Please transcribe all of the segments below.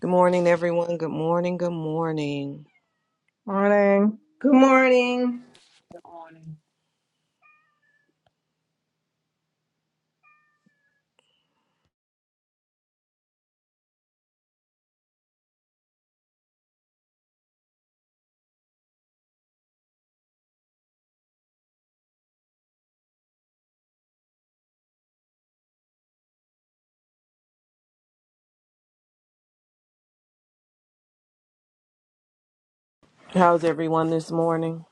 Good morning, everyone. Good morning. Good morning. Morning. Good morning. on. How's everyone this morning?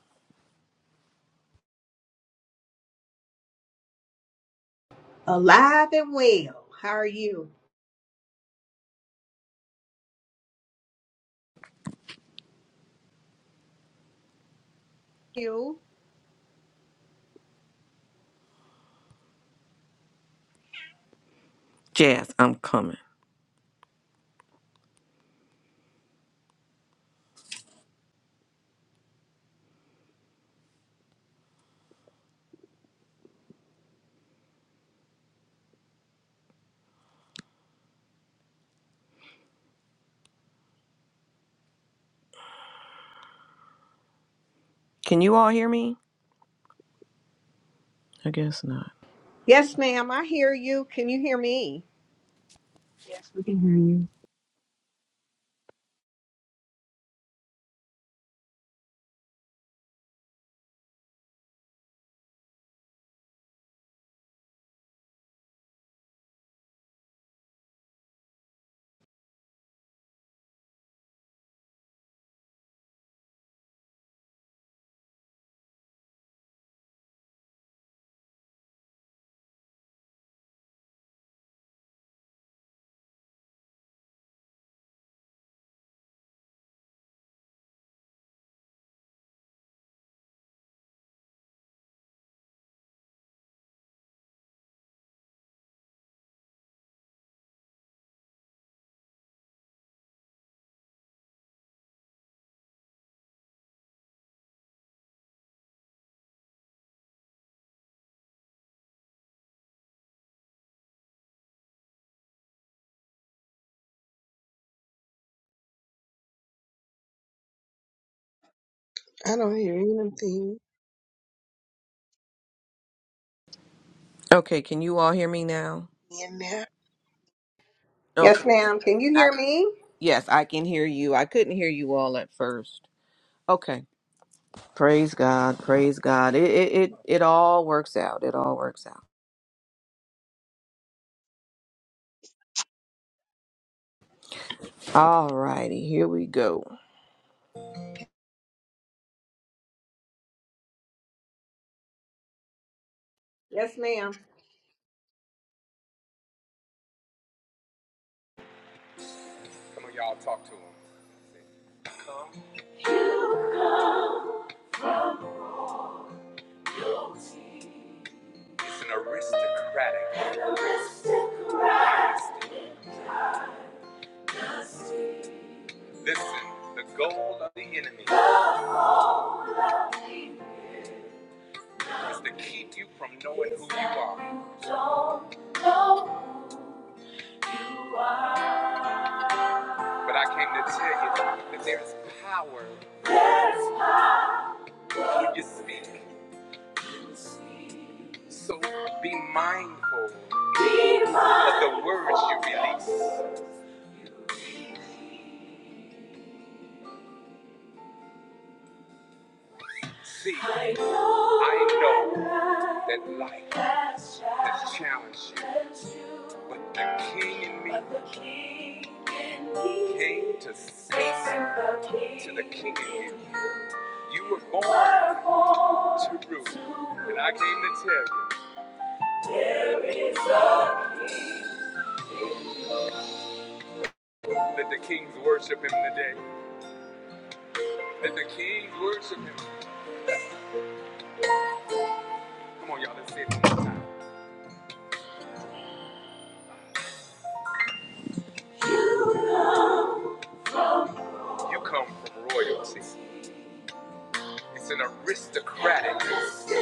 Alive and well. How are you? You? Jazz, I'm coming. Can you all hear me? I guess not. Yes, ma'am. I hear you. Can you hear me? Yes, we can hear you. I don't hear anything Okay, can you all hear me now? in there. Okay. Yes, ma'am. Can you I, hear me? yes, I can hear you. I couldn't hear you all at first. Okay. Praise God. Praise God. It it it, it all works out. It all works out. All righty, here we go. Yes, ma'am. Come on, y'all talk to him. It's an aristocratic. Listen, the goal of the enemy. is to keep you from knowing who you are. But I came to tell you that there's power when you speak. So be mindful of the words you release. See, I know that life has challenged you, but the king in me came to speak to the king in you. You were born to rule, and I came to tell you. Let the kings worship him today. Let the kings worship him. Come on, y'all, let's say it one more time. You come from royalty. It's an aristocratic dynasty.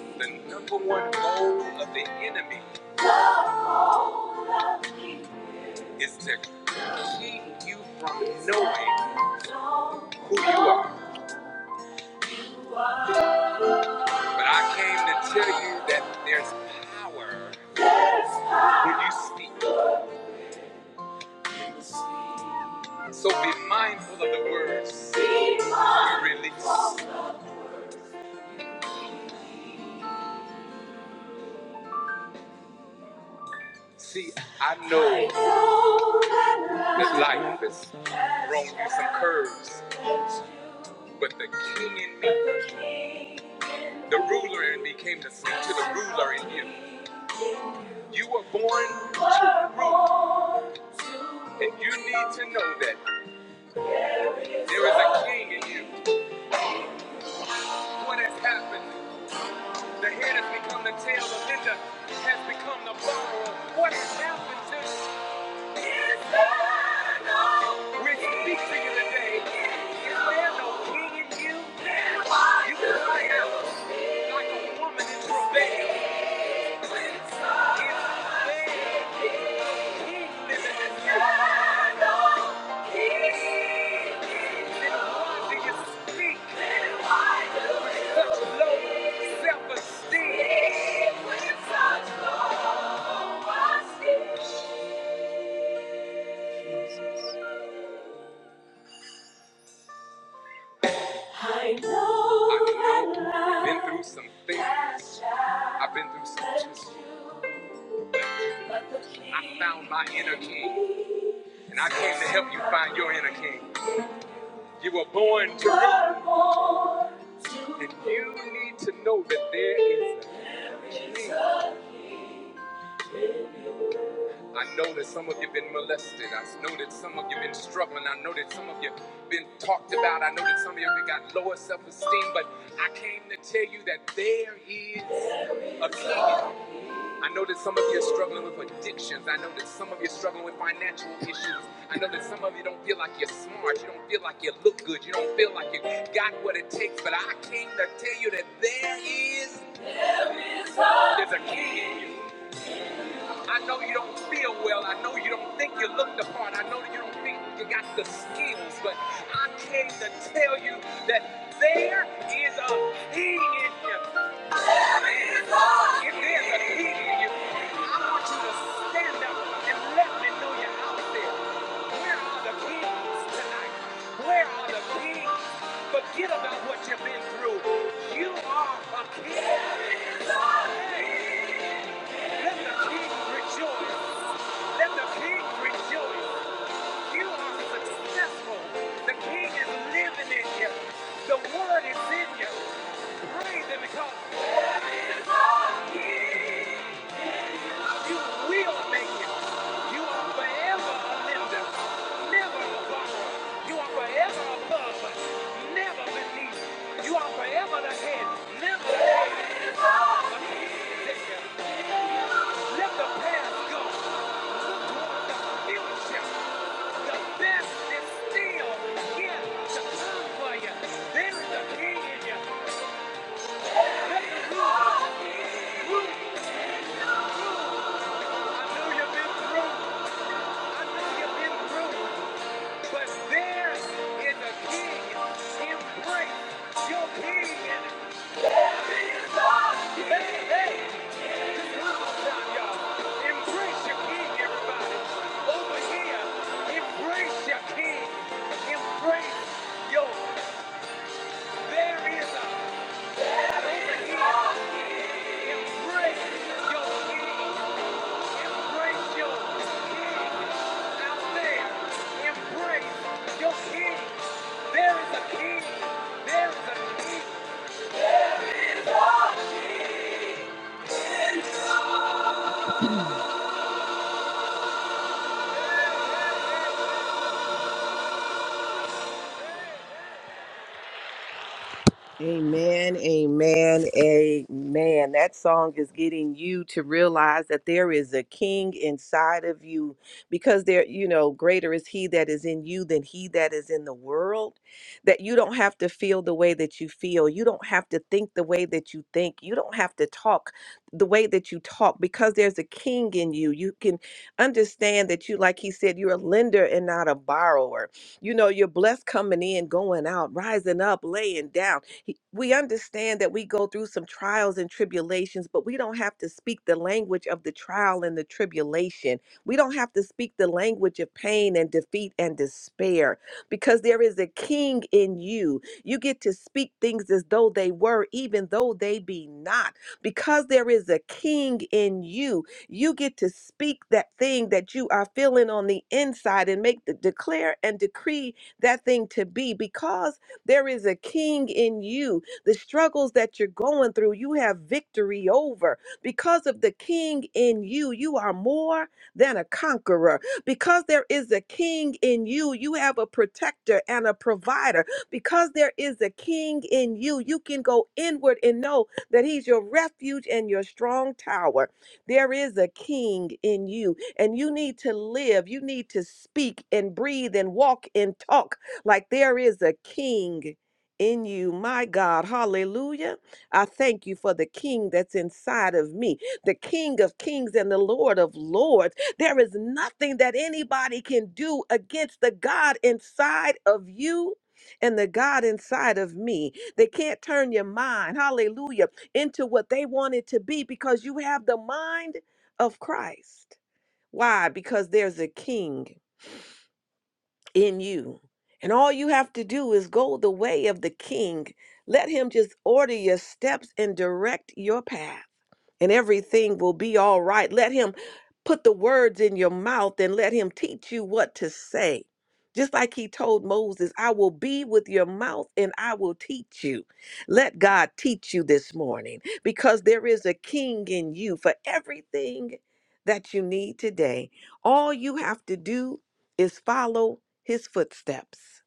The number one goal of the enemy is to keep you from knowing. But I came to tell you that there's power when you speak. So be mindful of the words you release. See, I know that life has thrown you some curves, but the king in me, the ruler in me came to sing to the ruler in you. You were born to rule, and you need to know that there is a king in you. What has happened? The head has become the tail, the lender has become the borrower. What has happened to you? We speak to you today. Is there no king in you? You can cry out like a woman in travail. Is there a king living in you? Then why do you speak with such low self-esteem? With such low esteem. I know I've been through some things. I've been through some just. I found my inner king, and I came to help you find your inner king. You were born to rule, and you need to know that there is a king. I know that some of you have been molested. I know that some of you have been struggling. I know that some of you have been talked about. I know that some of you have got lower self esteem. But I came to tell you that there is a king. I know that some of you are struggling with addictions. I know that some of you are struggling with financial issues. I know that some of you don't feel like you're smart. You don't feel like you look good. You don't feel like you got what it takes. But I came to tell you that there is there's a king in you. I know you don't feel well. I know you don't think you look the part. I know that you don't think you got the skills. But I came to tell you that there is a king in you let the Forget about what you've been through. You are a king. Hey, let the king rejoice. Let the king rejoice. You are successful. The king is living in you. The word is in you. Praise him because he. is. You will make it. You are forever a lender, never a borrower. You are forever above, but never beneath. You are forever the head, never the tail. Let the past go. Look toward the future. The best is still yet to come for you. There is a king in you. Let the rule. I know you've been through. but there is a king. Embrace your king. Jesus! Hey, hey, come y'all. Embrace your king, everybody. Over here, embrace your king. Embrace your. There is a. Over here, embrace your king. Embrace your king out there. Embrace your king. There is a king. There is a king. Amen, amen, amen. That song is getting you to realize that there is a king inside of you because there, you know, greater is he that is in you than he that is in the world. That you don't have to feel the way that you feel. You don't have to think the way that you think. You don't have to talk the way that you talk because there's a king in you. You can understand that you, like he said, you're a lender and not a borrower. You know, you're blessed coming in, going out, rising up, laying down he- We understand that we go through some trials and tribulations, but we don't have to speak the language of the trial and the tribulation. We don't have to speak the language of pain and defeat and despair because there is a king in you. You get to speak things as though they were, even though they be not. Because there is a king in you, you get to speak that thing that you are feeling on the inside and make the declare and decree that thing to be because there is a king in you. The struggles that you're going through, you have victory over. Because of the king in you, you are more than a conqueror. Because there is a king in you, you have a protector and a provider. Because there is a king in you, you can go inward and know that he's your refuge and your strong tower. There is a king in you, and you need to live, you need to speak and breathe and walk and talk like there is a king in you, my God. Hallelujah. I thank you for the king that's inside of me, the king of kings and the lord of lords. There is nothing that anybody can do against the God inside of you. And the God inside of me. They can't turn your mind, hallelujah, into what they want it to be because you have the mind of Christ. Why? Because there's a king in you. And all you have to do is go the way of the king. Let him just order your steps and direct your path and everything will be all right. Let him put the words in your mouth and let him teach you what to say. Just like he told Moses, I will be with your mouth and I will teach you. Let God teach you this morning because there is a king in you for everything that you need today. All you have to do is follow his footsteps.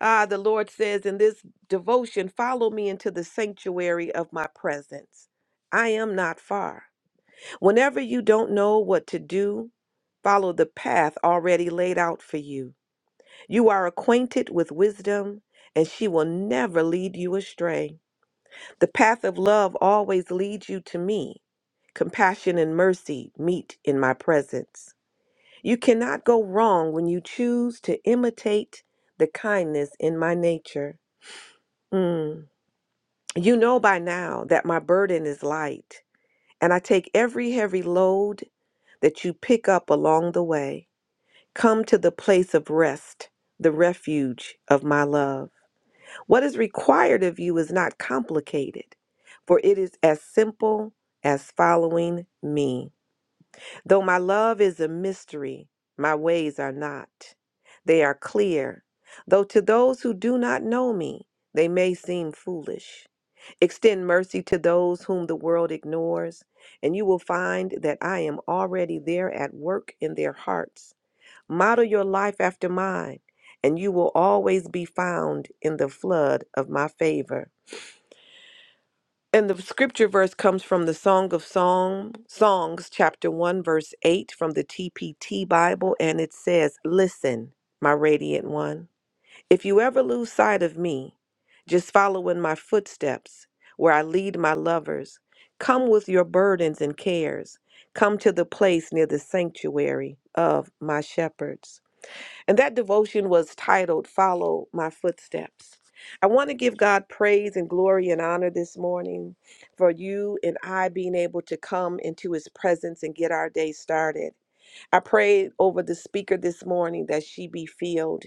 Ah, the Lord says in this devotion, follow me into the sanctuary of my presence. I am not far. Whenever you don't know what to do, follow the path already laid out for you. You are acquainted with wisdom, and she will never lead you astray. The path of love always leads you to me. Compassion and mercy meet in my presence. You cannot go wrong when you choose to imitate the kindness in my nature. Mm. You know by now that my burden is light. And I take every heavy load that you pick up along the way. Come to the place of rest, the refuge of my love. What is required of you is not complicated, for it is as simple as following me. Though my love is a mystery, my ways are not. They are clear. Though to those who do not know me, they may seem foolish. Extend mercy to those whom the world ignores, and you will find that I am already there at work in their hearts. Model your life after mine, and you will always be found in the flood of my favor. And the scripture verse comes from the Song of Song, Songs, chapter 1, verse 8 from the TPT Bible, and it says, Listen, my radiant one, if you ever lose sight of me, just follow in my footsteps where I lead my lovers. Come with your burdens and cares. Come to the place near the sanctuary of my shepherds. And that devotion was titled Follow My Footsteps. I want to give God praise and glory and honor this morning for you and I being able to come into his presence and get our day started. I pray over the speaker this morning that she be filled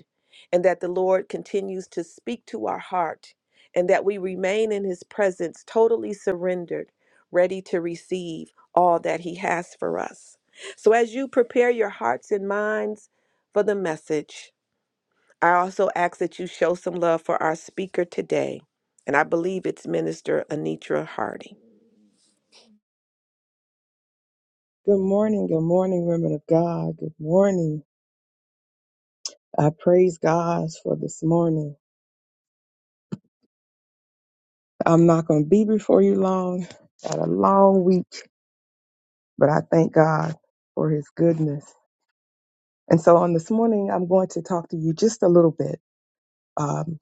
and that the Lord continues to speak to our heart and that we remain in his presence totally surrendered, ready to receive all that he has for us. So as you prepare your hearts and minds, for the message. I also ask that you show some love for our speaker today, and I believe it's Minister Anitra Hardy. Good morning, good morning, women of God. Good morning. I praise God for this morning. I'm not going to be before you long. Got a long week, but I thank God for His goodness. And so on this morning, I'm going to talk to you just a little bit um,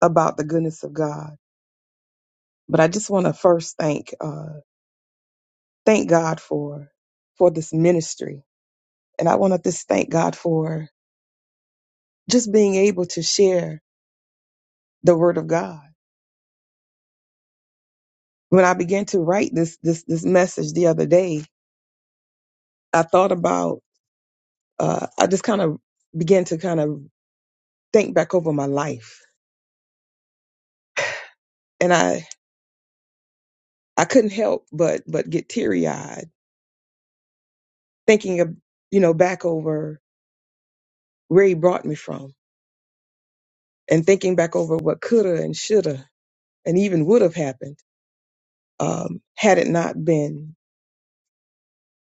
about the goodness of God. But I just want to first thank uh, thank God for for this ministry, and I want to just thank God for just being able to share the Word of God when I began to write this this this message the other day, I thought about uh, I just kind of began to kind of think back over my life, and I I couldn't help but but get teary eyed thinking of you know back over where he brought me from, and thinking back over what coulda and shoulda and even would have happened um, had it not been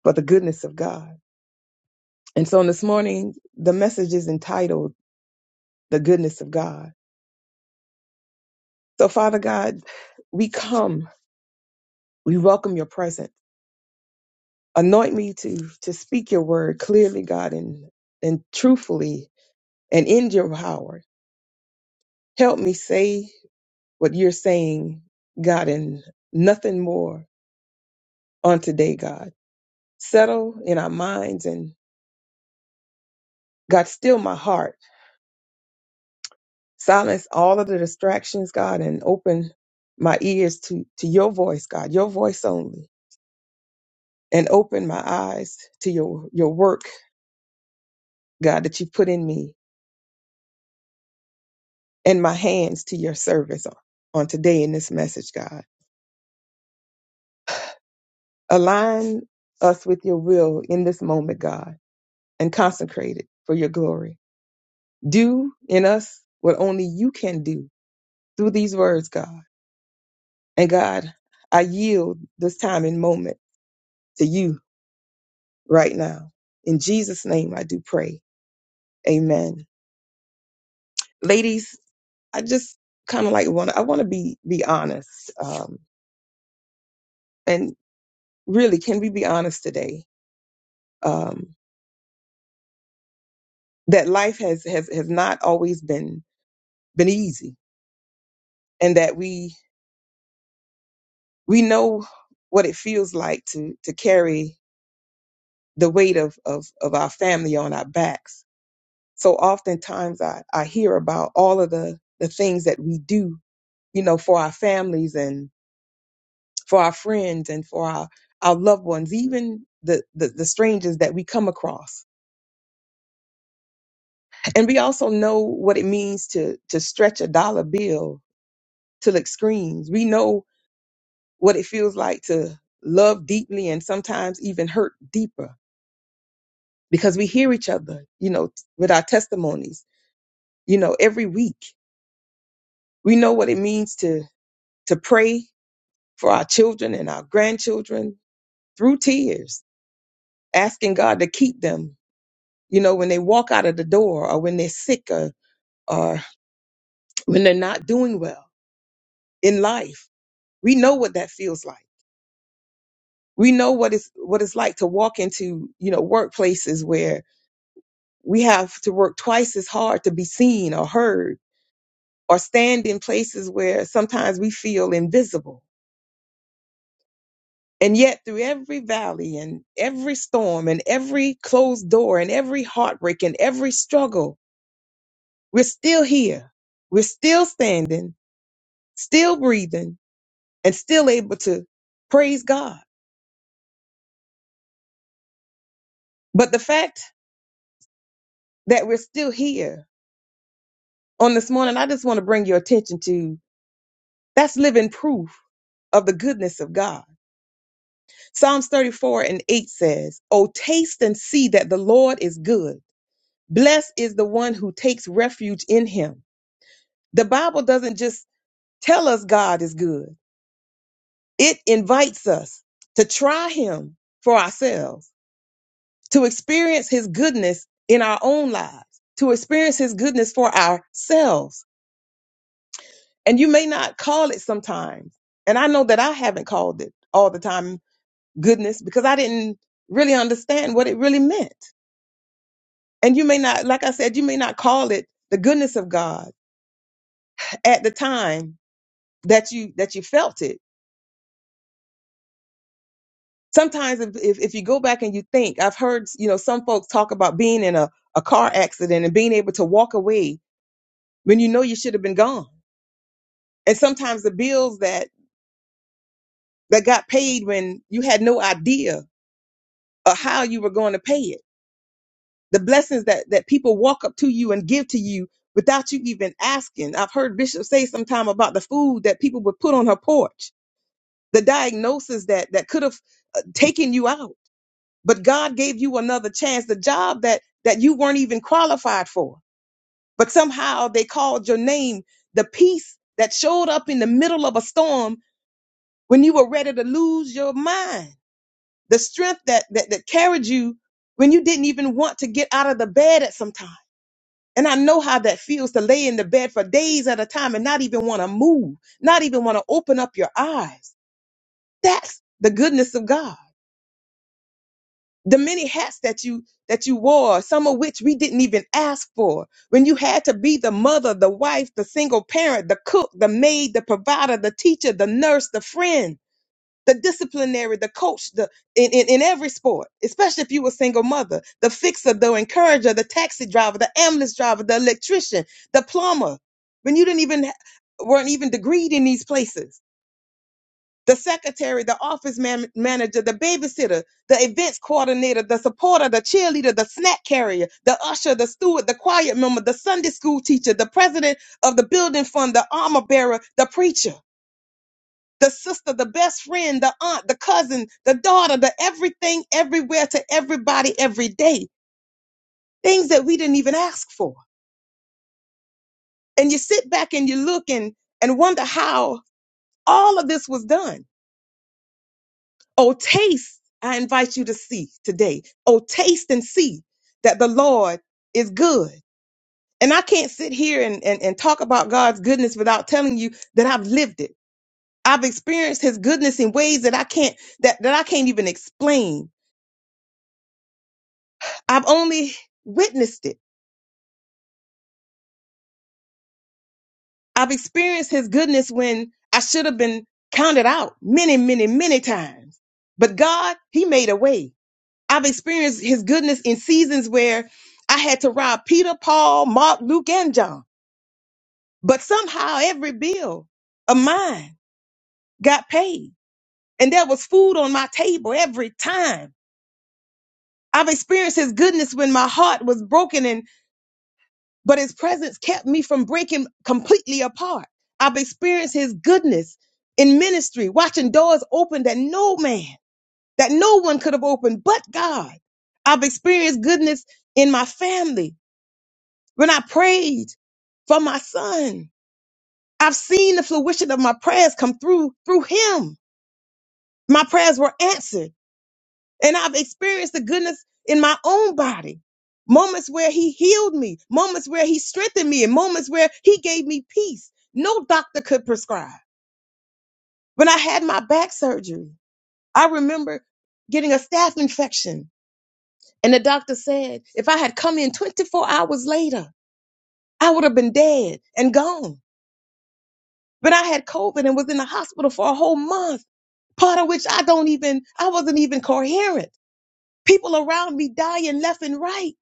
for the goodness of God. And so on this morning, the message is entitled "The Goodness of God." So Father God, we come We welcome your presence. Anoint me to, to speak your word clearly, God, and, and truthfully and in your power. Help me say what you're saying, God, and nothing more on today, God. Settle in our minds and God, still my heart. Silence all of the distractions, God, and open my ears to, to your voice, God, your voice only. And open my eyes to your, your work, God, that you put in me and my hands to your service on, on today in this message, God. Align us with your will in this moment, God, and consecrate it for your glory. Do in us what only you can do through these words, God. And God, I yield this time and moment to you right now. In Jesus' name, I do pray. Amen. Ladies, I just kind of like want to, I want to be, be honest. Um, and really, can we be honest today? Um, that life has has has not always been been easy and that we we know what it feels like to to carry the weight of of of our family on our backs so oftentimes i i hear about all of the the things that we do you know for our families and for our friends and for our our loved ones even the, the the strangers that we come across and we also know what it means to to stretch a dollar bill till it screams we know what it feels like to love deeply and sometimes even hurt deeper because we hear each other, you know, with our testimonies, you know, every week. We know what it means to to pray for our children and our grandchildren through tears, asking God to keep them, you know, when they walk out of the door or when they're sick or, or when they're not doing well in life. We know what that feels like. We know what it's what it's like to walk into, you know, workplaces where we have to work twice as hard to be seen or heard or stand in places where sometimes we feel invisible. And yet, through every valley and every storm and every closed door and every heartbreak and every struggle, we're still here. We're still standing, still breathing, and still able to praise God. But the fact that we're still here on this morning, I just want to bring your attention to that's living proof of the goodness of God Psalms 34 and 8 says, "O taste and see that the Lord is good. Blessed is the one who takes refuge in him. The Bible doesn't just tell us God is good, it invites us to try him for ourselves, to experience his goodness in our own lives, to experience his goodness for ourselves. And you may not call it sometimes. And I know that I haven't called it all the time goodness because I didn't really understand what it really meant. And you may not, like I said, you may not call it the goodness of God at the time that you that you felt it. Sometimes if, if, if you go back and you think, I've heard, you know, some folks talk about being in a, a car accident and being able to walk away when you know you should have been gone. And sometimes the bills that that got paid when you had no idea of how you were going to pay it. The blessings that that people walk up to you and give to you without you even asking. I've heard Bishop say sometime about the food that people would put on her porch the diagnosis that that could have uh, taken you out but god gave you another chance the job that that you weren't even qualified for but somehow they called your name the peace that showed up in the middle of a storm when you were ready to lose your mind the strength that that, that carried you when you didn't even want to get out of the bed at some time and I know how that feels to lay in the bed for days at a time and not even want to move, not even want to open up your eyes. That's the goodness of God. the many hats that you that you wore some of which we didn't even ask for when you had to be the mother the wife the single parent the cook the maid the provider the teacher the nurse the friend the disciplinary the coach the in, in, in every sport especially if you were a single mother the fixer the encourager the taxi driver the ambulance driver the electrician the plumber when you didn't even weren't even degreed in these places the secretary, the office man- manager, the babysitter, the events coordinator, the supporter, the cheerleader, the snack carrier, the usher, the steward, the choir member, the Sunday school teacher, the president of the building fund, the armor bearer, the preacher, the sister, the best friend, the aunt, the cousin, the daughter, the everything, everywhere to everybody, every day. Things that we didn't even ask for. And you sit back and you look and, and wonder how all of this was done Oh, taste, I invite you to see today. Oh, taste and see that the Lord is good. And I can't sit here and, and, and talk about God's goodness without telling you that I've lived it. I've experienced his goodness in ways that I can't that, that I can't even explain. I've only witnessed it. I've experienced his goodness when I should have been counted out many, many, many times. But God, he made a way. I've experienced his goodness in seasons where I had to rob Peter, Paul, Mark, Luke, and John. But somehow every bill of mine got paid. And there was food on my table every time. I've experienced his goodness when my heart was broken and but his presence kept me from breaking completely apart. I've experienced his goodness in ministry, watching doors open that no man, that no one could have opened but God. I've experienced goodness in my family When I prayed for my son, I've seen the fruition of my prayers come through through him. My prayers were answered, and I've experienced the goodness in my own body. Moments where he healed me, moments where he strengthened me, and moments where he gave me peace. No doctor could prescribe. When I had my back surgery, I remember getting a staph infection, and the doctor said if I had come in 24 hours later, I would have been dead and gone. But I had COVID and was in the hospital for a whole month, part of which I don't even, I wasn't even coherent. People around me dying left and right.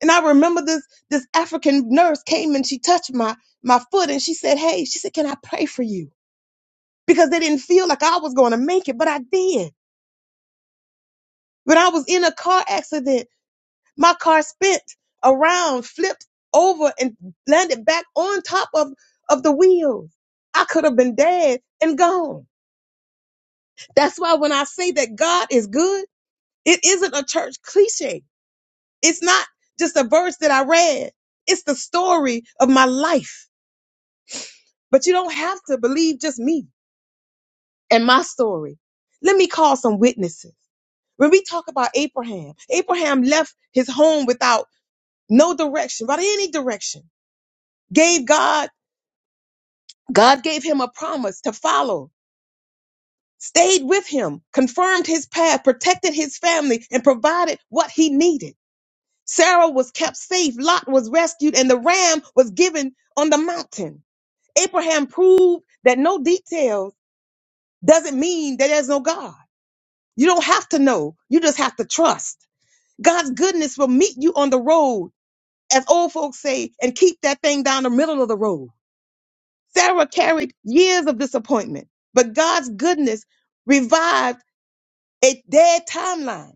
And I remember this, this African nurse came and she touched my, my foot and she said, Hey, she said, can I pray for you? Because they didn't feel like I was going to make it, but I did. When I was in a car accident, my car spent around, flipped over and landed back on top of, of the wheels. I could have been dead and gone That's why when I say that God is good, it isn't a church cliche. It's not just a verse that I read. It's the story of my life. But you don't have to believe just me and my story. Let me call some witnesses. When we talk about Abraham, Abraham left his home without no direction, without any direction. Gave God, God gave him a promise to follow, stayed with him, confirmed his path, protected his family, and provided what he needed. Sarah was kept safe. Lot was rescued and the ram was given on the mountain. Abraham proved that no details doesn't mean that there's no God. You don't have to know. You just have to trust. God's goodness will meet you on the road, as old folks say, and keep that thing down the middle of the road. Sarah carried years of disappointment, but God's goodness revived a dead timeline.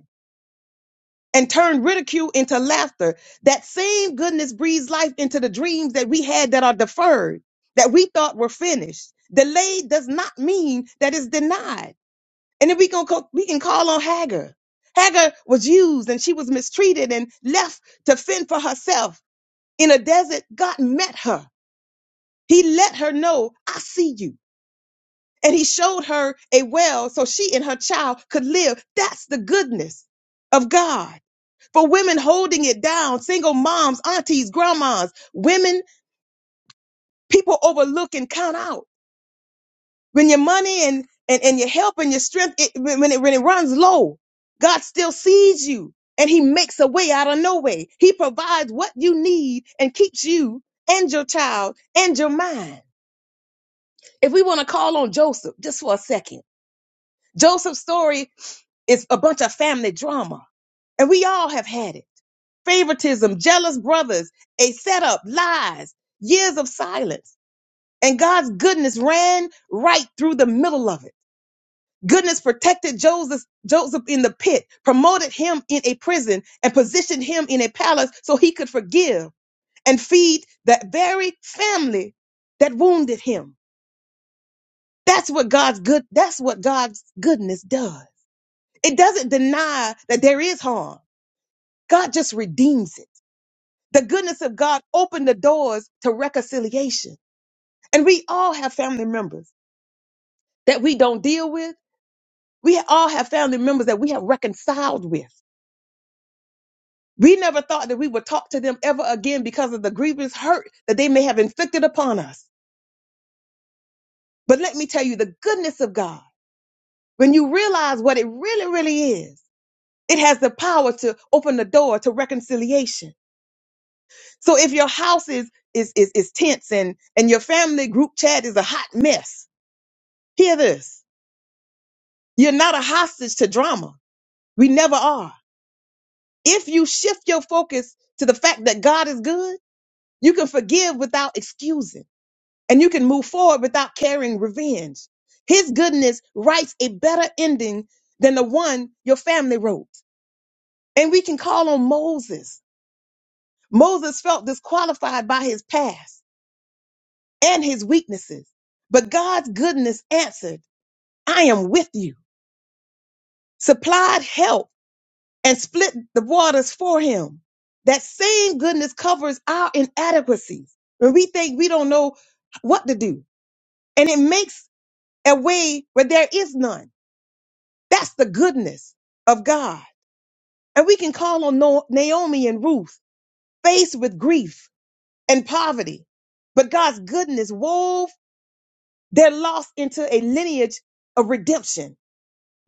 and turn ridicule into laughter. That same goodness breathes life into the dreams that we had that are deferred, that we thought were finished. Delayed does not mean that it's denied. And then we can co- we can call on Hagar. Hagar was used and she was mistreated and left to fend for herself in a desert. God met her. He let her know, "I see you." And he showed her a well so she and her child could live. That's the goodness of God for women holding it down, single moms, aunties, grandmas, women, people overlook and count out. When your money and, and, and your help and your strength, it, when, when it, when it runs low, God still sees you and he makes a way out of no way. He provides what you need and keeps you and your child and your mind. If we want to call on Joseph just for a second, Joseph's story is a bunch of family drama and we all have had it. favoritism, jealous brothers, a setup, lies, years of silence. And God's goodness ran right through the middle of it. Goodness protected Joseph, Joseph in the pit, promoted him in a prison, and positioned him in a palace so he could forgive and feed that very family that wounded him. That's what God's good, that's what God's goodness does. It doesn't deny that there is harm. God just redeems it. The goodness of God opened the doors to reconciliation. And we all have family members that we don't deal with. We all have family members that we have reconciled with. We never thought that we would talk to them ever again because of the grievous hurt that they may have inflicted upon us. But let me tell you the goodness of God. When you realize what it really, really is, it has the power to open the door to reconciliation. So if your house is, is, is, is tense and, and your family group chat is a hot mess, hear this. You're not a hostage to drama. We never are. If you shift your focus to the fact that God is good, you can forgive without excusing and you can move forward without carrying revenge. His goodness writes a better ending than the one your family wrote. And we can call on Moses. Moses felt disqualified by his past and his weaknesses, but God's goodness answered, I am with you, supplied help and split the waters for him. That same goodness covers our inadequacies when we think we don't know what to do. And it makes a way where there is none. That's the goodness of God. And we can call on No- Naomi and Ruth, faced with grief and poverty. But God's goodness wove their loss into a lineage of redemption.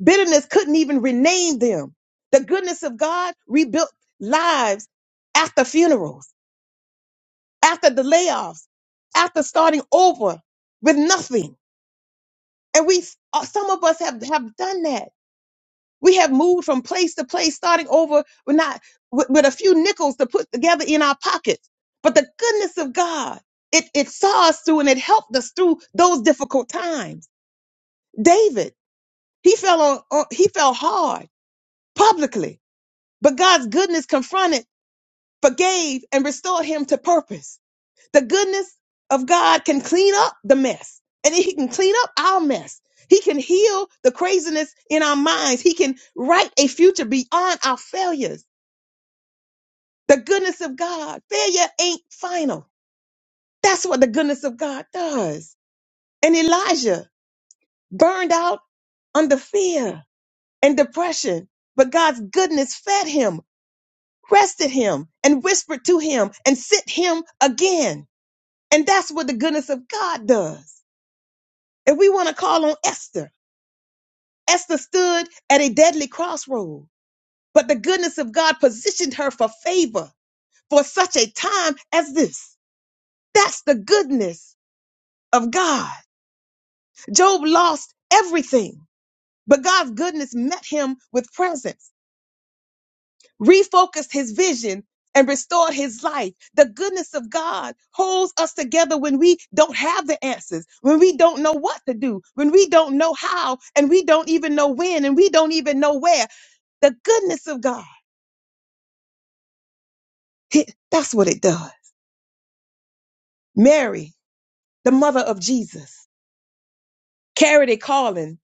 Bitterness couldn't even rename them. The goodness of God rebuilt lives after funerals. after the layoffs, after starting over with nothing. And we, uh, some of us have, have done that. We have moved from place to place, starting over with not, with, with a few nickels to put together in our pockets. But the goodness of God, it, it saw us through and it helped us through those difficult times. David, he fell on, on he fell hard publicly, but God's goodness confronted, forgave, and restored him to purpose. The goodness of God can clean up the mess and he can clean up our mess. He can heal the craziness in our minds. He can write a future beyond our failures. The goodness of God. Failure ain't final. That's what the goodness of God does. And Elijah burned out under fear and depression, but God's goodness fed him, rested him, and whispered to him and sent him again. And that's what the goodness of God does. If we want to call on Esther, Esther stood at a deadly crossroad, but the goodness of God positioned her for favor for such a time as this. That's the goodness of God. Job lost everything, but God's goodness met him with presence, refocused his vision, and restored his life. The goodness of God holds us together when we don't have the answers, when we don't know what to do, when we don't know how, and we don't even know when, and we don't even know where. The goodness of God. It- That's what it does. Mary, the mother of Jesus, carried a calling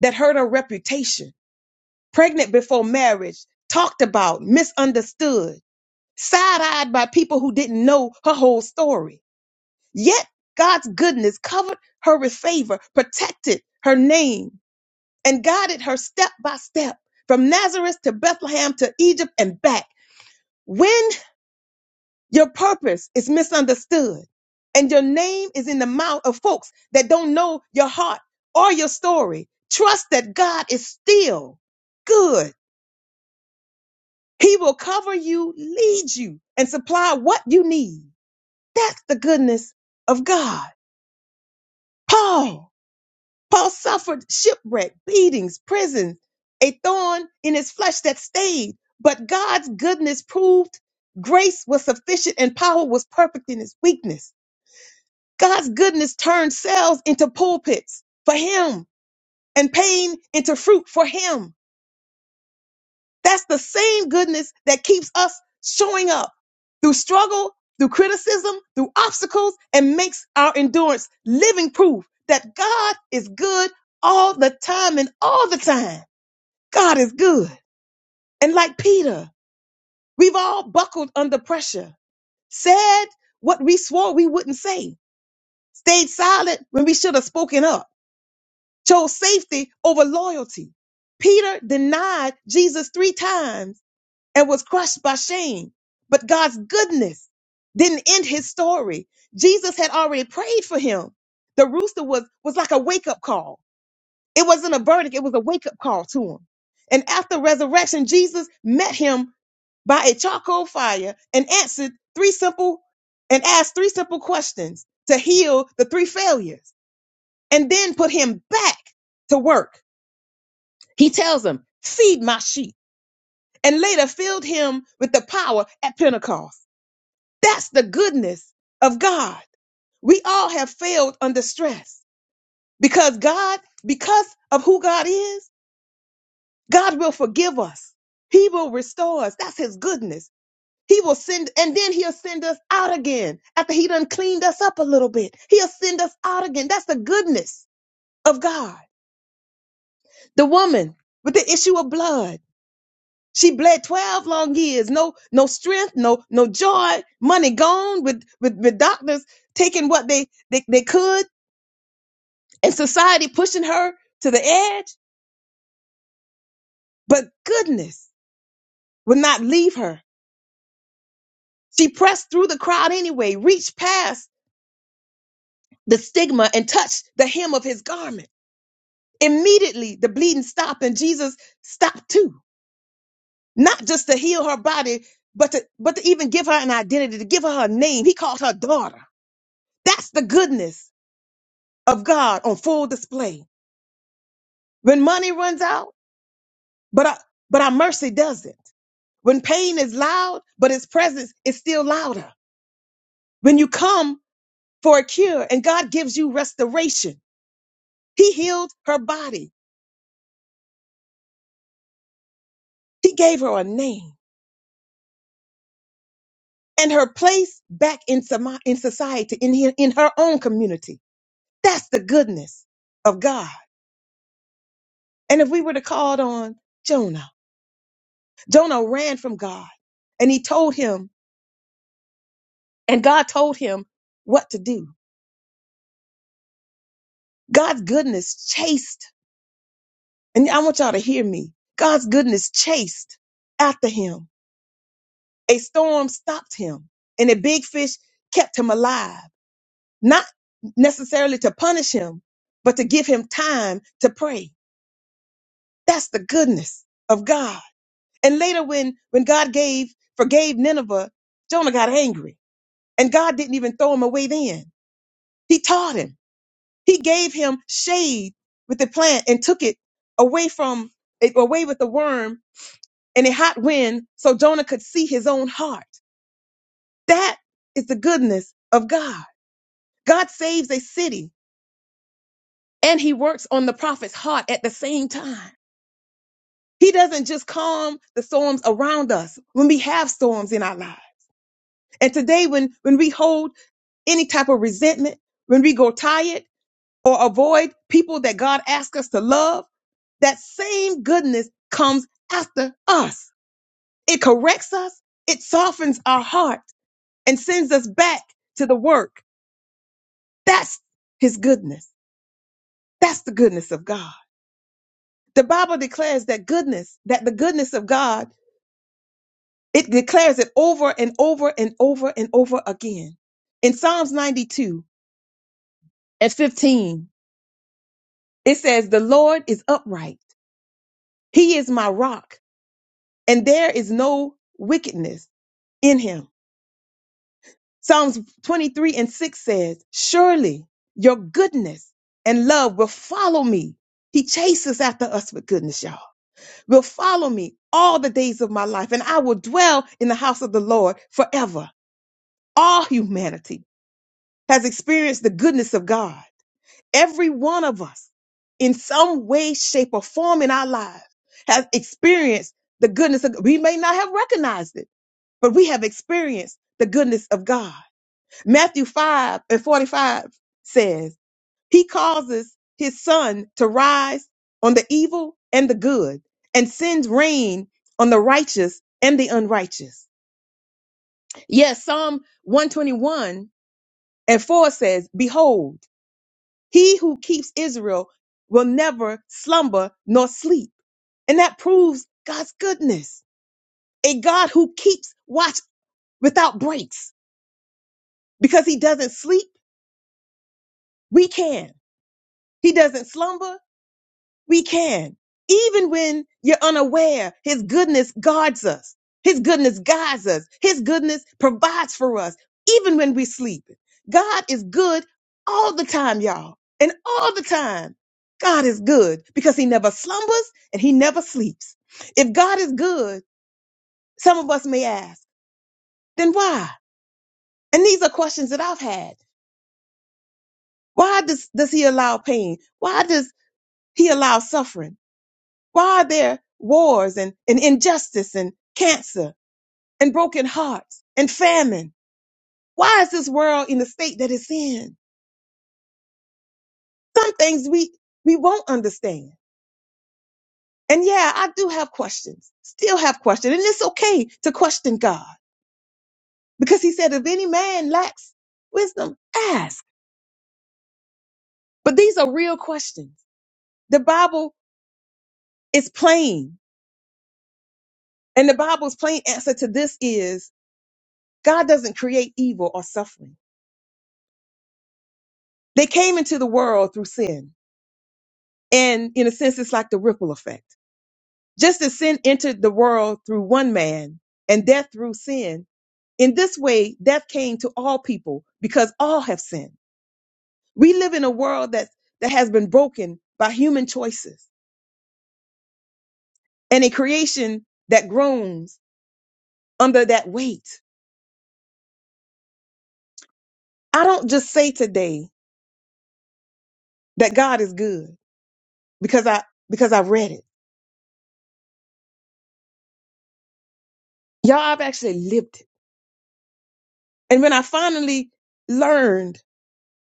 that hurt her reputation. Pregnant before marriage, talked about, misunderstood, side eyed by people who didn't know her whole story. Yet God's goodness covered her with favor, protected her name, and guided her step by step from Nazareth to Bethlehem to Egypt and back. When Your purpose is misunderstood, and your name is in the mouth of folks that don't know your heart or your story. Trust that God is still good. He will cover you, lead you, and supply what you need. That's the goodness of God. Paul, Paul suffered shipwreck, beatings, prison, a thorn in his flesh that stayed, but God's goodness proved grace was sufficient and power was perfect in his weakness. God's goodness turns cells into pulpits for him and pain into fruit for him. That's the same goodness that keeps us showing up through struggle, through criticism, through obstacles, and makes our endurance living proof that God is good all the time and all the time. God is good. And like Peter, we've all buckled under pressure, said what we swore we wouldn't say, stayed silent when we should have spoken up chose safety over loyalty. Peter denied Jesus three times and was crushed by shame. But God's goodness didn't end his story. Jesus had already prayed for him. The rooster was, was like a wake up call. It wasn't a verdict, it was a wake up call to him. And after resurrection, Jesus met him by a charcoal fire and answered three simple and asked three simple questions to heal the three failures and then put him back to work he tells him, feed my sheep, and later filled him with the power at Pentecost. That's the goodness of God. We all have failed under stress because God, because of who God is, God will forgive us. He will restore us. That's his goodness. He will send, and then he'll send us out again after he done cleaned us up a little bit. He'll send us out again. That's the goodness of God. The woman with the issue of blood. She bled 12 long years. No, no strength, no, no joy, money gone with, with, with doctors taking what they, they, they could and society pushing her to the edge. But goodness would not leave her. She pressed through the crowd anyway, reached past the stigma and touched the hem of his garment. Immediately the bleeding stopped and Jesus stopped too. Not just to heal her body, but to, but to even give her an identity, to give her a name. He called her daughter. That's the goodness of God on full display. When money runs out, but our, but our mercy doesn't. When pain is loud, but his presence is still louder. When you come for a cure and God gives you restoration, he healed her body. He gave her a name and her place back in, somi- in society, in, here in her own community. That's the goodness of God. And if we were to call on Jonah, Jonah ran from God and he told him, and God told him what to do. God's goodness chased, and I want y'all to hear me. God's goodness chased after him. A storm stopped him, and a big fish kept him alive, not necessarily to punish him, but to give him time to pray. That's the goodness of God. And later, when when God gave forgave Nineveh, Jonah got angry, and God didn't even throw him away. Then He taught him. He gave him shade with the plant and took it away from away with the worm and a hot wind so Jonah could see his own heart. That is the goodness of God. God saves a city and he works on the prophet's heart at the same time. He doesn't just calm the storms around us when we have storms in our lives. And today, when, when we hold any type of resentment, when we go tired or avoid people that God asks us to love, that same goodness comes after us. It corrects us. It softens our heart and sends us back to the work. That's his goodness. That's the goodness of God. The Bible declares that goodness, that the goodness of God, it declares it over and over and over and over again. In Psalms 92 and 15, it says, The Lord is upright. He is my rock, and there is no wickedness in him. Psalms 23 and 6 says, Surely your goodness and love will follow me. He chases after us with goodness, y'all. will follow me all the days of my life, and I will dwell in the house of the Lord forever. All humanity has experienced the goodness of God. Every one of us, in some way, shape, or form in our lives, has experienced the goodness of God. We may not have recognized it, but we have experienced the goodness of God. Matthew 5 and 45 says, he causes his sun to rise on the evil and the good and sends rain on the righteous and the unrighteous. Yes, Psalm 121 and 4 says, Behold, he who keeps Israel will never slumber nor sleep. And that proves God's goodness. A God who keeps watch without breaks because he doesn't sleep, we can. He doesn't slumber, We can. Even when you're unaware, His goodness guards us. His goodness guides us. His goodness provides for us, even when we sleep. God is good all the time, y'all. And all the time, God is good because He never slumbers and He never sleeps. If God is good, some of us may ask, then why? And these are questions that I've had. Why does, does He allow pain? Why does He allow suffering? Why are there wars and, and injustice and cancer and broken hearts and famine? Why is this world in the state that it's in? Some things we, we won't understand. And yeah, I do have questions, still have questions. And it's okay to question God because he said, if any man lacks wisdom, ask. But these are real questions. The Bible is plain and the Bible's plain answer to this is God doesn't create evil or suffering. They came into the world through sin. And in a sense, it's like the ripple effect. Just as sin entered the world through one man and death through sin, in this way, death came to all people because all have sinned. We live in a world that, that has been broken by human choices and a creation that groans under that weight. I don't just say today that God is good because I, because I read it. Y'all, I've actually lived it. And when I finally learned,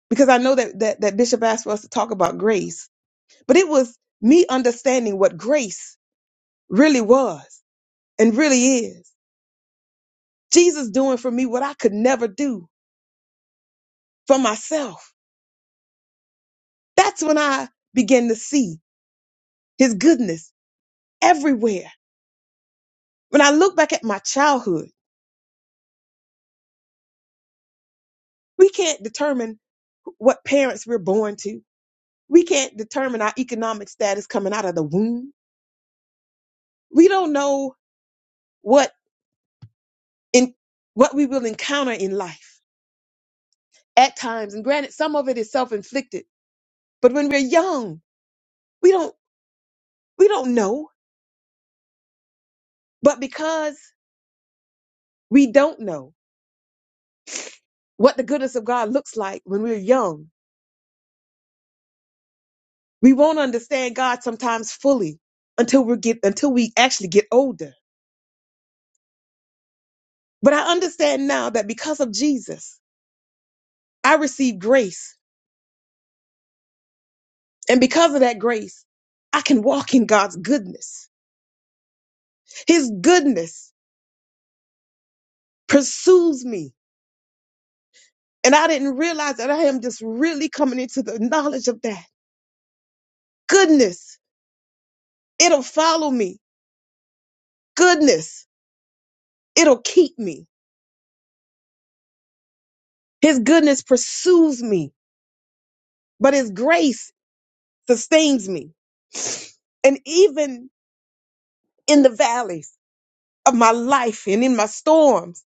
because I know that, that, that Bishop asked for us to talk about grace, But it was me understanding what grace really was and really is. Jesus doing for me what I could never do for myself. That's when I began to see his goodness everywhere. When I look back at my childhood, we can't determine what parents we're born to. We can't determine our economic status coming out of the womb. We don't know what in what we will encounter in life at times. And granted, some of it is self-inflicted. But when we're young, we don't. We don't know. But because we don't know what the goodness of God looks like when we're young, we won't understand God sometimes fully until we get until we actually get older. But I understand now that because of Jesus, I received grace. And because of that grace, I can walk in God's goodness. His goodness pursues me. And I didn't realize that I am just really coming into the knowledge of that. Goodness, it'll follow me. Goodness, it'll keep me His goodness pursues me, but his grace sustains me. And even in the valleys of my life and in my storms,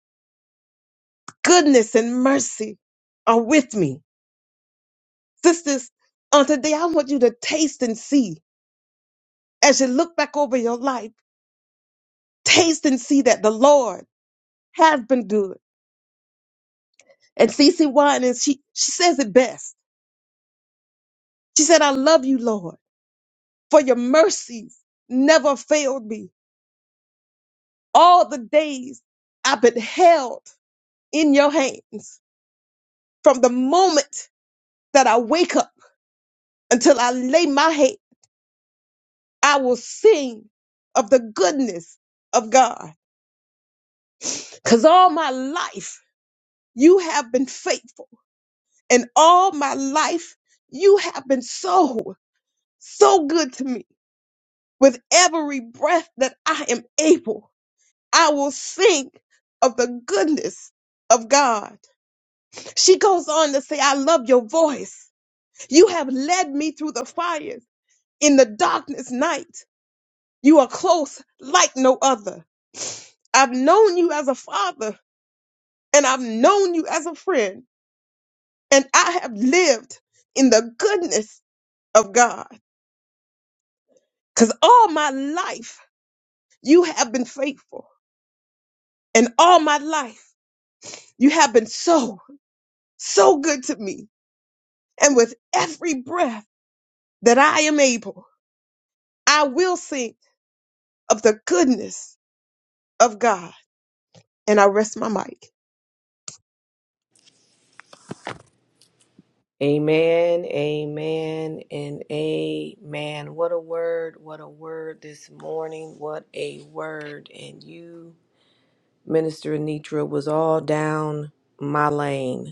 goodness and mercy are with me. Sisters, on today, I want you to taste and see as you look back over your life, taste and see that the Lord has been good. And Cece Winans, she, she says it best. She said, I love you, Lord, for your mercies never failed me. All the days I've been held in your hands. From the moment that I wake up until I lay my head, I will sing of the goodness of God. Because all my life, you have been faithful. And all my life, you have been so, so good to me. With every breath that I am able, I will sing of the goodness of God. She goes on to say, I love your voice. You have led me through the fires in the darkness night. You are close like no other. I've known you as a father and I've known you as a friend, and I have lived in the goodness of God because all my life you have been faithful, and all my life you have been so, so good to me. And with every breath that I am able, I will sing of the goodness of God. And I rest my mic. Amen, amen, and amen. What a word, what a word this morning. What a word. And you, Minister Anitra, was all down my lane.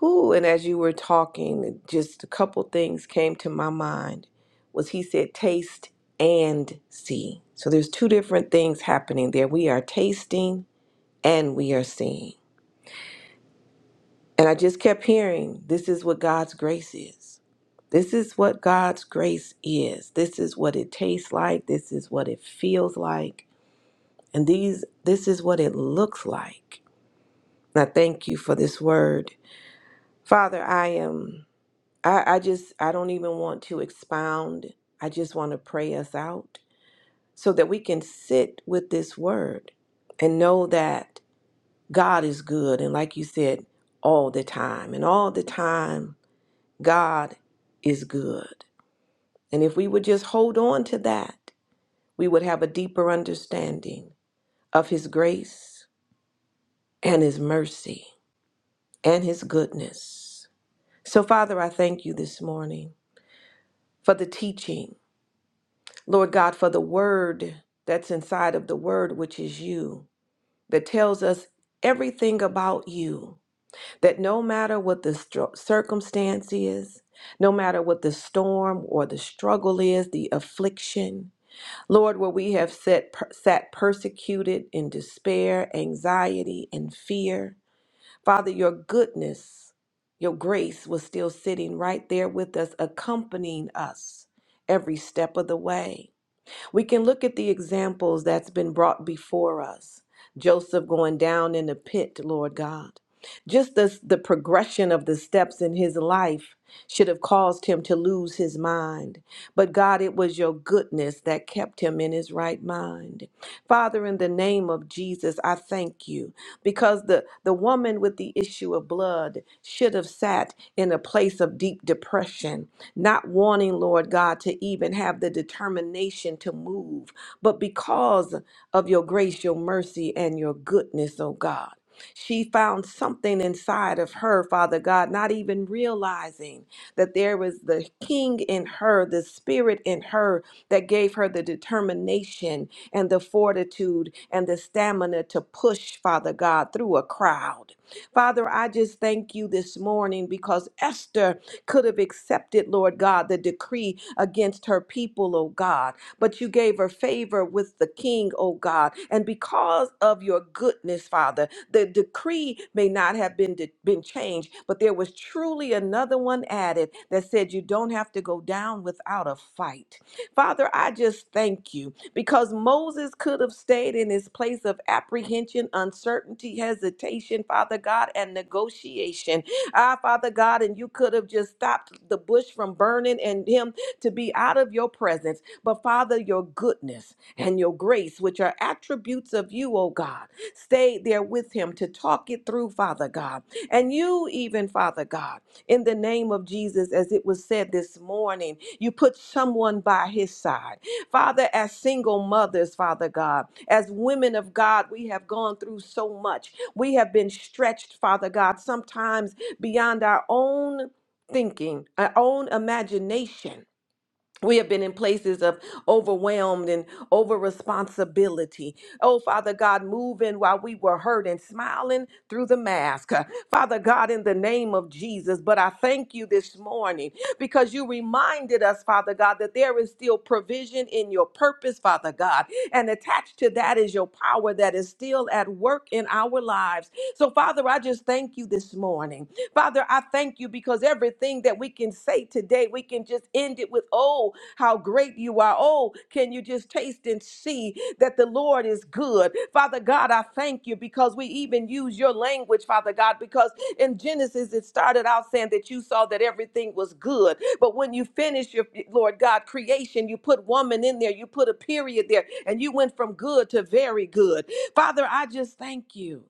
Who, and as you were talking, just a couple things came to my mind was he said taste and see. So there's two different things happening there. We are tasting and we are seeing. And I just kept hearing, this is what God's grace is. This is what God's grace is. This is what it tastes like. This is what it feels like. And these this is what it looks like. And I thank you for this word. Father, I am I, I just, I don't even want to expound. I just want to pray us out so that we can sit with this word and know that God is good. And like you said, all the time. And all the time, God is good. And if we would just hold on to that, we would have a deeper understanding of His grace and His mercy and His goodness. So, Father, I thank you this morning for the teaching Lord God, for the word that's inside of the word, which is you, that tells us everything about you. That no matter what the stru- circumstance is, no matter what the storm or the struggle is, the affliction, Lord, where we have set, per- sat persecuted in despair, anxiety, and fear, Father, your goodness, your grace was still sitting right there with us, accompanying us every step of the way. We can look at the examples that's been brought before us. Joseph going down in the pit, Lord God. Just as the progression of the steps in his life should have caused him to lose his mind. But God, it was your goodness that kept him in his right mind. Father, in the name of Jesus, I thank you because the, the woman with the issue of blood should have sat in a place of deep depression, not wanting, Lord God, to even have the determination to move. But because of your grace, your mercy, and your goodness, oh God. She found something inside of her, Father God, not even realizing that there was the king in her, the spirit in her that gave her the determination and the fortitude and the stamina to push, Father God, through a crowd. Father, I just thank you this morning because Esther could have accepted, Lord God, the decree against her people, oh God, but you gave her favor with the king, oh God. And because of your goodness, Father, the decree may not have been, been changed, but there was truly another one added that said you don't have to go down without a fight. Father, I just thank you because Moses could have stayed in his place of apprehension, uncertainty, hesitation, Father God, and negotiation. Ah, Father God, and you could have just stopped the bush from burning and him to be out of your presence. But Father, your goodness and your grace, which are attributes of you, oh God, stayed there with him to talk it through, Father God. And you, even, Father God, in the name of Jesus, as it was said this morning, you put someone by his side. Father, as single mothers, Father God, as women of God, we have gone through so much. We have been stretched, Father God, sometimes beyond our own thinking, our own imagination. We have been in places of overwhelmed and over responsibility. Oh, Father God, moving while we were hurt and smiling through the mask. Uh, Father God, in the name of Jesus. But I thank you this morning because you reminded us, Father God, that there is still provision in your purpose, Father God. And attached to that is your power that is still at work in our lives. So, Father, I just thank you this morning. Father, I thank you thank you because everything that we can say today, we can just end it with, oh, how great you are. Oh, can you just taste and see that the Lord is good? Father God, I thank you because we even use your language, Father God, because in Genesis it started out saying that you saw that everything was good. But when you finish your, Lord God, creation, you put woman in there, you put a period there, and you went from good to very good. Father, I just thank you.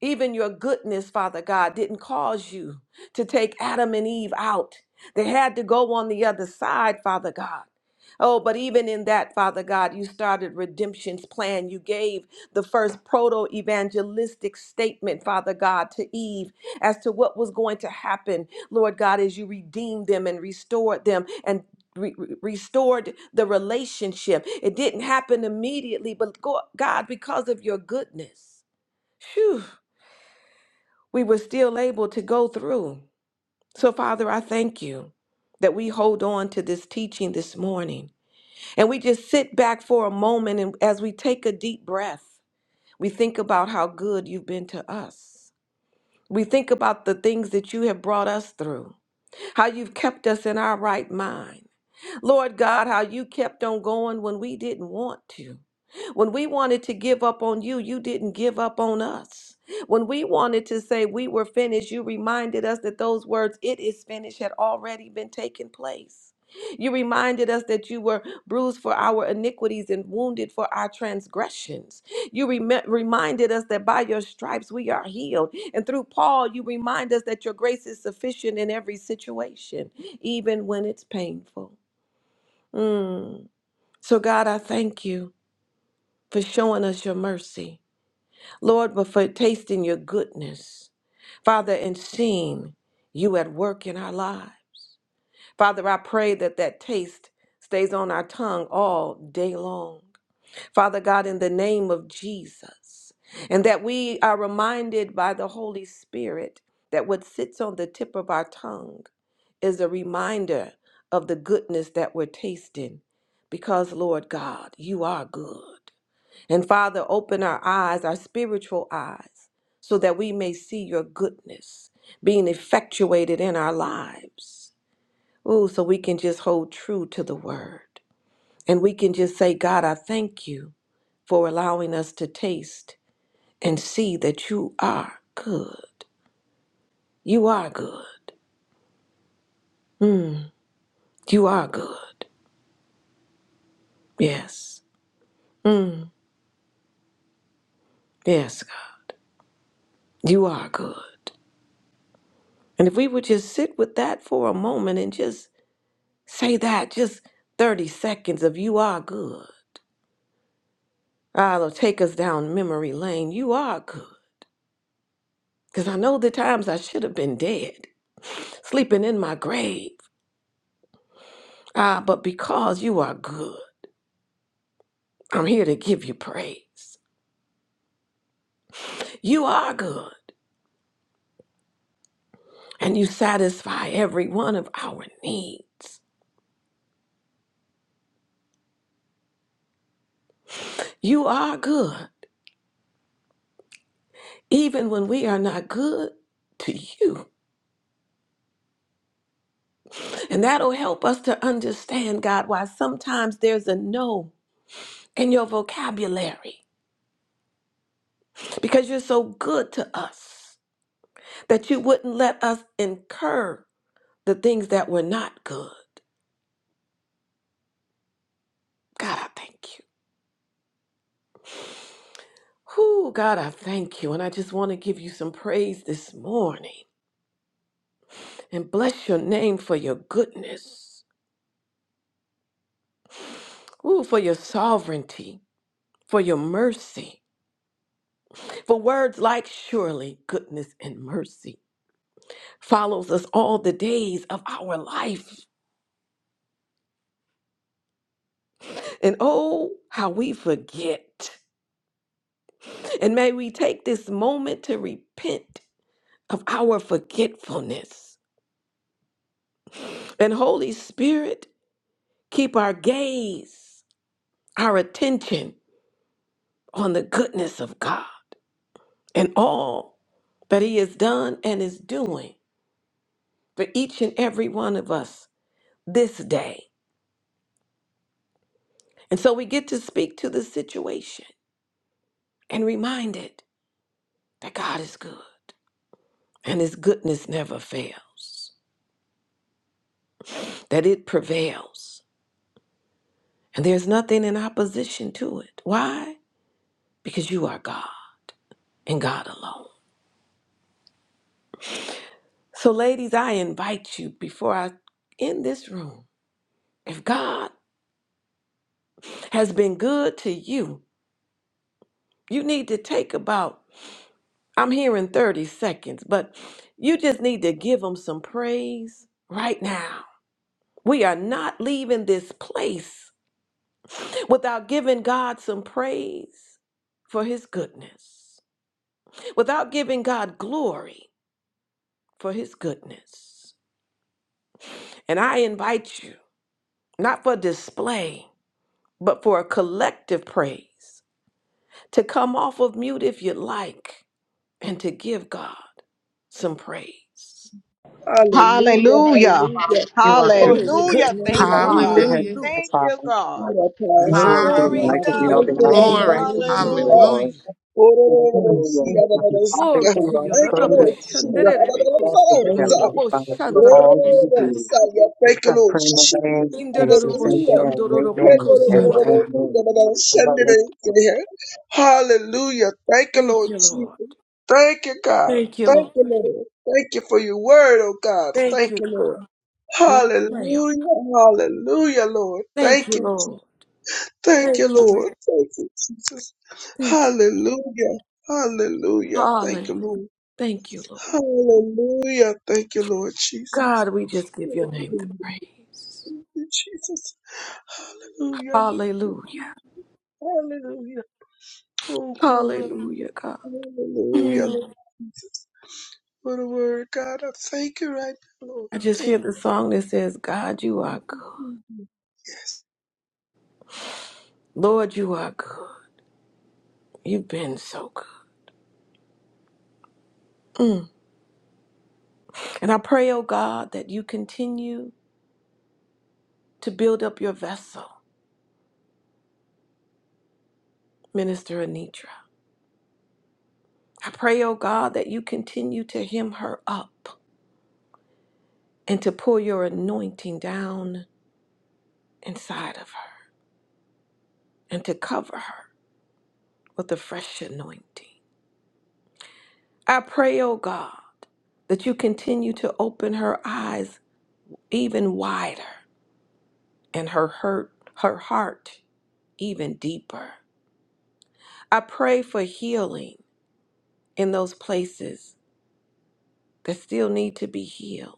Even your goodness, Father God, didn't cause you to take Adam and Eve out. They had to go on the other side, Father God. Oh, but even in that, Father God, you started redemption's plan. You gave the first proto evangelistic statement, Father God, to Eve as to what was going to happen, Lord God, as you redeemed them and restored them and re- re- restored the relationship. It didn't happen immediately, but go- God, because of your goodness. phew, we were still able to go through. So, Father, I thank you that we hold on to this teaching this morning and we just sit back for a moment and as we take a deep breath, we think about how good you've been to us. We think about the things that you have brought us through, how you've kept us in our right mind. Lord God, how you kept on going when we didn't want to. When we wanted to give up on you, you didn't give up on us. When we wanted to say we were finished, you reminded us that those words, it is finished, had already been taken place. You reminded us that you were bruised for our iniquities and wounded for our transgressions. You rem- reminded us that by your stripes we are healed. And through Paul, you remind us that your grace is sufficient in every situation, even when it's painful. Mm. So, God, I thank you for showing us your mercy, Lord, but for tasting your goodness, Father, and seeing you at work in our lives. Father, I pray that that taste stays on our tongue all day long. Father God, in the name of Jesus, and that we are reminded by the Holy Spirit that what sits on the tip of our tongue is a reminder of the goodness that we're tasting because, Lord God, you are good. And Father, open our eyes, our spiritual eyes, so that we may see your goodness being effectuated in our lives. Ooh, so we can just hold true to the word. And we can just say, God, I thank you for allowing us to taste and see that you are good. You are good. You are good. Yes. Yes, God. You are good. And if we would just sit with that for a moment and just say that, just 30 seconds of you are good. Ah, it'll take us down memory lane. You are good. Because I know the times I should have been dead, sleeping in my grave. Ah, but because you are good, I'm here to give you praise. You are good. and you satisfy every one of our needs. You are good, even when we are not good to you. And that'll help us to understand, God, why sometimes there's a no in your vocabulary because you're so good to us that you wouldn't let us incur the things that were not good. God, I thank you. Whoo, God, I thank you. And I just want to give you some praise this morning and bless your name for your goodness. Ooh, for your sovereignty, for your mercy, for words like surely goodness and mercy follows us all the days of our life. And oh, how we forget. And may we take this moment to repent of our forgetfulness. And Holy Spirit, keep our gaze, our attention on the goodness of God and all that He has done and is doing for each and every one of us this day. And so we get to speak to the situation and remind it that God is good and his goodness never fails, that it prevails, and there's nothing in opposition to it. Why? Because you are God and God alone. So, ladies, I invite you before I end this room, if God has been good to you, you need to take about, I'm here in 30 seconds, but you just need to give him some praise right now We are not leaving this place without giving God some praise for his goodness, without giving God glory for his goodness. And I invite you, not for display, but for a collective praise, to come off of mute if you like and to give God some praise Hallelujah, Hallelujah. Father, hallelujah. You are good. Thank for Hallelujah. his you, Lord. Hallelujah. goodness. Thank you, Thank you Hallelujah, for God. Hallelujah. having Jesus. Hallelujah. my Thank you, father. God. What a You powerful Thank are you, word, good. Jesus. Glory I God. could to Hallelujah. be out your Thank there. you, I Thank Lord. can you. name, Glory. praise Thank you, Hallelujah. you. dear Hallelujah. Lord. Hallelujah. Oh, no, no, no, no, no. Hallelujah. See, Thank I you. Thank don't you. know, see, Father, Glory God. Thank you to are you. your Thank you, so Thank you. honorable good. Lord. Jesus. Lord. Thank you. Shandorabo Thank you, Hallelujah. Thank dear you. Son. Heavenly Father, Oh, no, for all no, Shandorabo no, you no, do. son. Yeah, Thank It's you, a Lord. prayer in the Jesus. name of Jesus. Indorabo Hallelujah. Amen. Send Shandorabo Amen. And Thank you. Kosandara. amen. it in Hallelujah. here. Hallelujah. Thank you, Thank Lord you, Lord. Jesus. Thank you, God. Thank you, Thank Lord. you, Lord. Thank you for your word, oh God. Thank Thank you, you, God. Lord. And we pray. oh, Hallelujah. Hallelujah, Lord. Thank Thank you, you. Jesus. Lord. Thank you, Thank you, Lord. Lord. Thank you, Jesus. Thank you. Hallelujah. Hallelujah. Thank you, Hallelujah. Lord. Thank you, Lord. Hallelujah. Thank you, Lord Jesus. God, we just give Thank your you, name the praise. Lord Jesus. Hallelujah. Hallelujah. Hallelujah. Oh, glory. Hallelujah, God. Hallelujah. Mm. Lord Jesus, for the word, God, I thank you right now, Lord. I just hear Thank the song that says, God, you are good. you. Lord, you are good. You've been so good. And I pray, oh God, that you continue to build up your vessel, Minister Anitra. I pray, oh God, that you continue to hem her up and to pour your anointing down inside of her and to cover her with a fresh anointing. I pray, oh God, that you continue to open her eyes even wider and her hurt her heart even deeper. I pray for healing in those places that still need to be healed.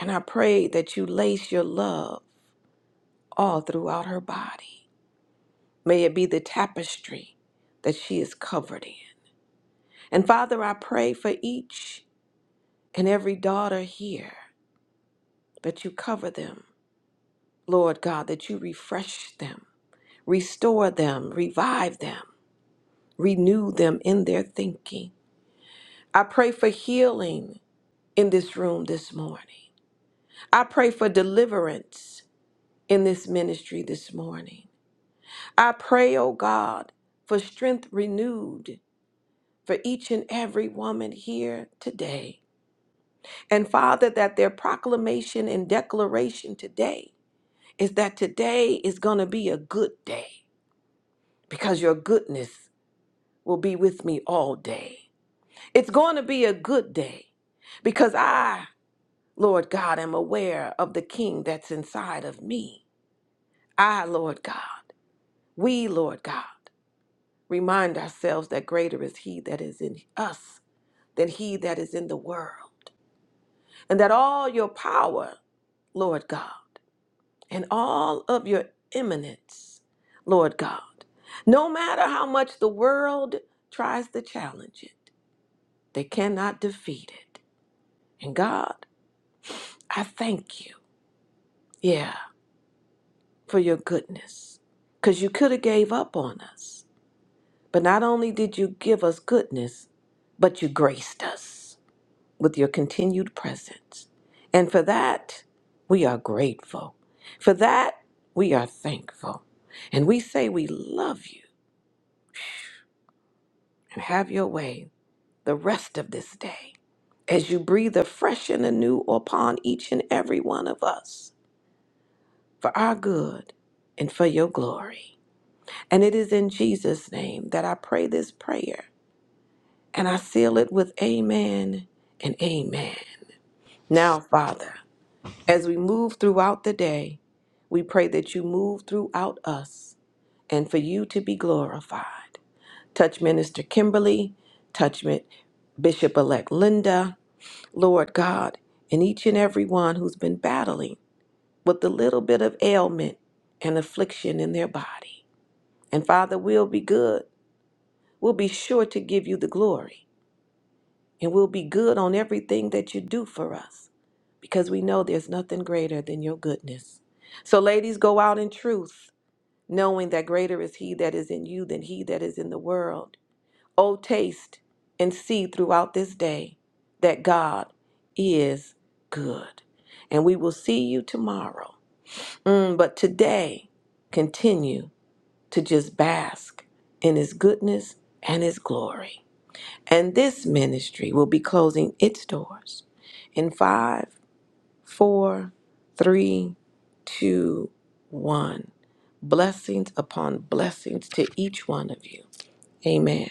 And I pray that you lace your love all throughout her body. May it be the tapestry that she is covered in. And Father, I pray for each and every daughter here that you cover them, Lord God, that you refresh them, restore them, revive them, renew them in their thinking. I pray for healing in this room this morning. I pray for deliverance in this ministry this morning. I pray, oh God, for strength renewed for each and every woman here today. And Father, that their proclamation and declaration today is that today is going to be a good day because your goodness will be with me all day. It's going to be a good day because I, Lord God, am aware of the King that's inside of me. I, Lord God, we, Lord God. remind ourselves that greater is He that is in us than He that is in the world. And that all your power, Lord God, and all of your eminence, Lord God, no matter how much the world tries to challenge it, they cannot defeat it. And God, I thank you, yeah, for your goodness, because you could have gave up on us. But not only did you give us goodness, but you graced us. with your continued presence. And for that, we are grateful. For that, we are thankful. And we say we love you and have your way the rest of this day as you breathe afresh and anew upon each and every one of us for our good and for your glory. And it is in Jesus' name that I pray this prayer and I seal it with amen and amen. Now, Father. As we move throughout the day, we pray that you move throughout us and for you to be glorified. Touch Minister Kimberly, touch Mi- Bishop elect Linda, Lord God, and each and every one who's been battling with the little bit of ailment and affliction in their body. And Father, we'll be good. We'll be sure to give you the glory and we'll be good on everything that you do for us because we know there's nothing greater than your goodness. So, ladies, go out in truth, knowing that greater is He that is in you than He that is in the world. Oh, taste and see throughout this day that God is good. And we will see you tomorrow. Mm, but today, continue to just bask in His goodness and His glory. And this ministry will be closing its doors in five, four, three, two, one. Blessings upon blessings to each one of you. Amen.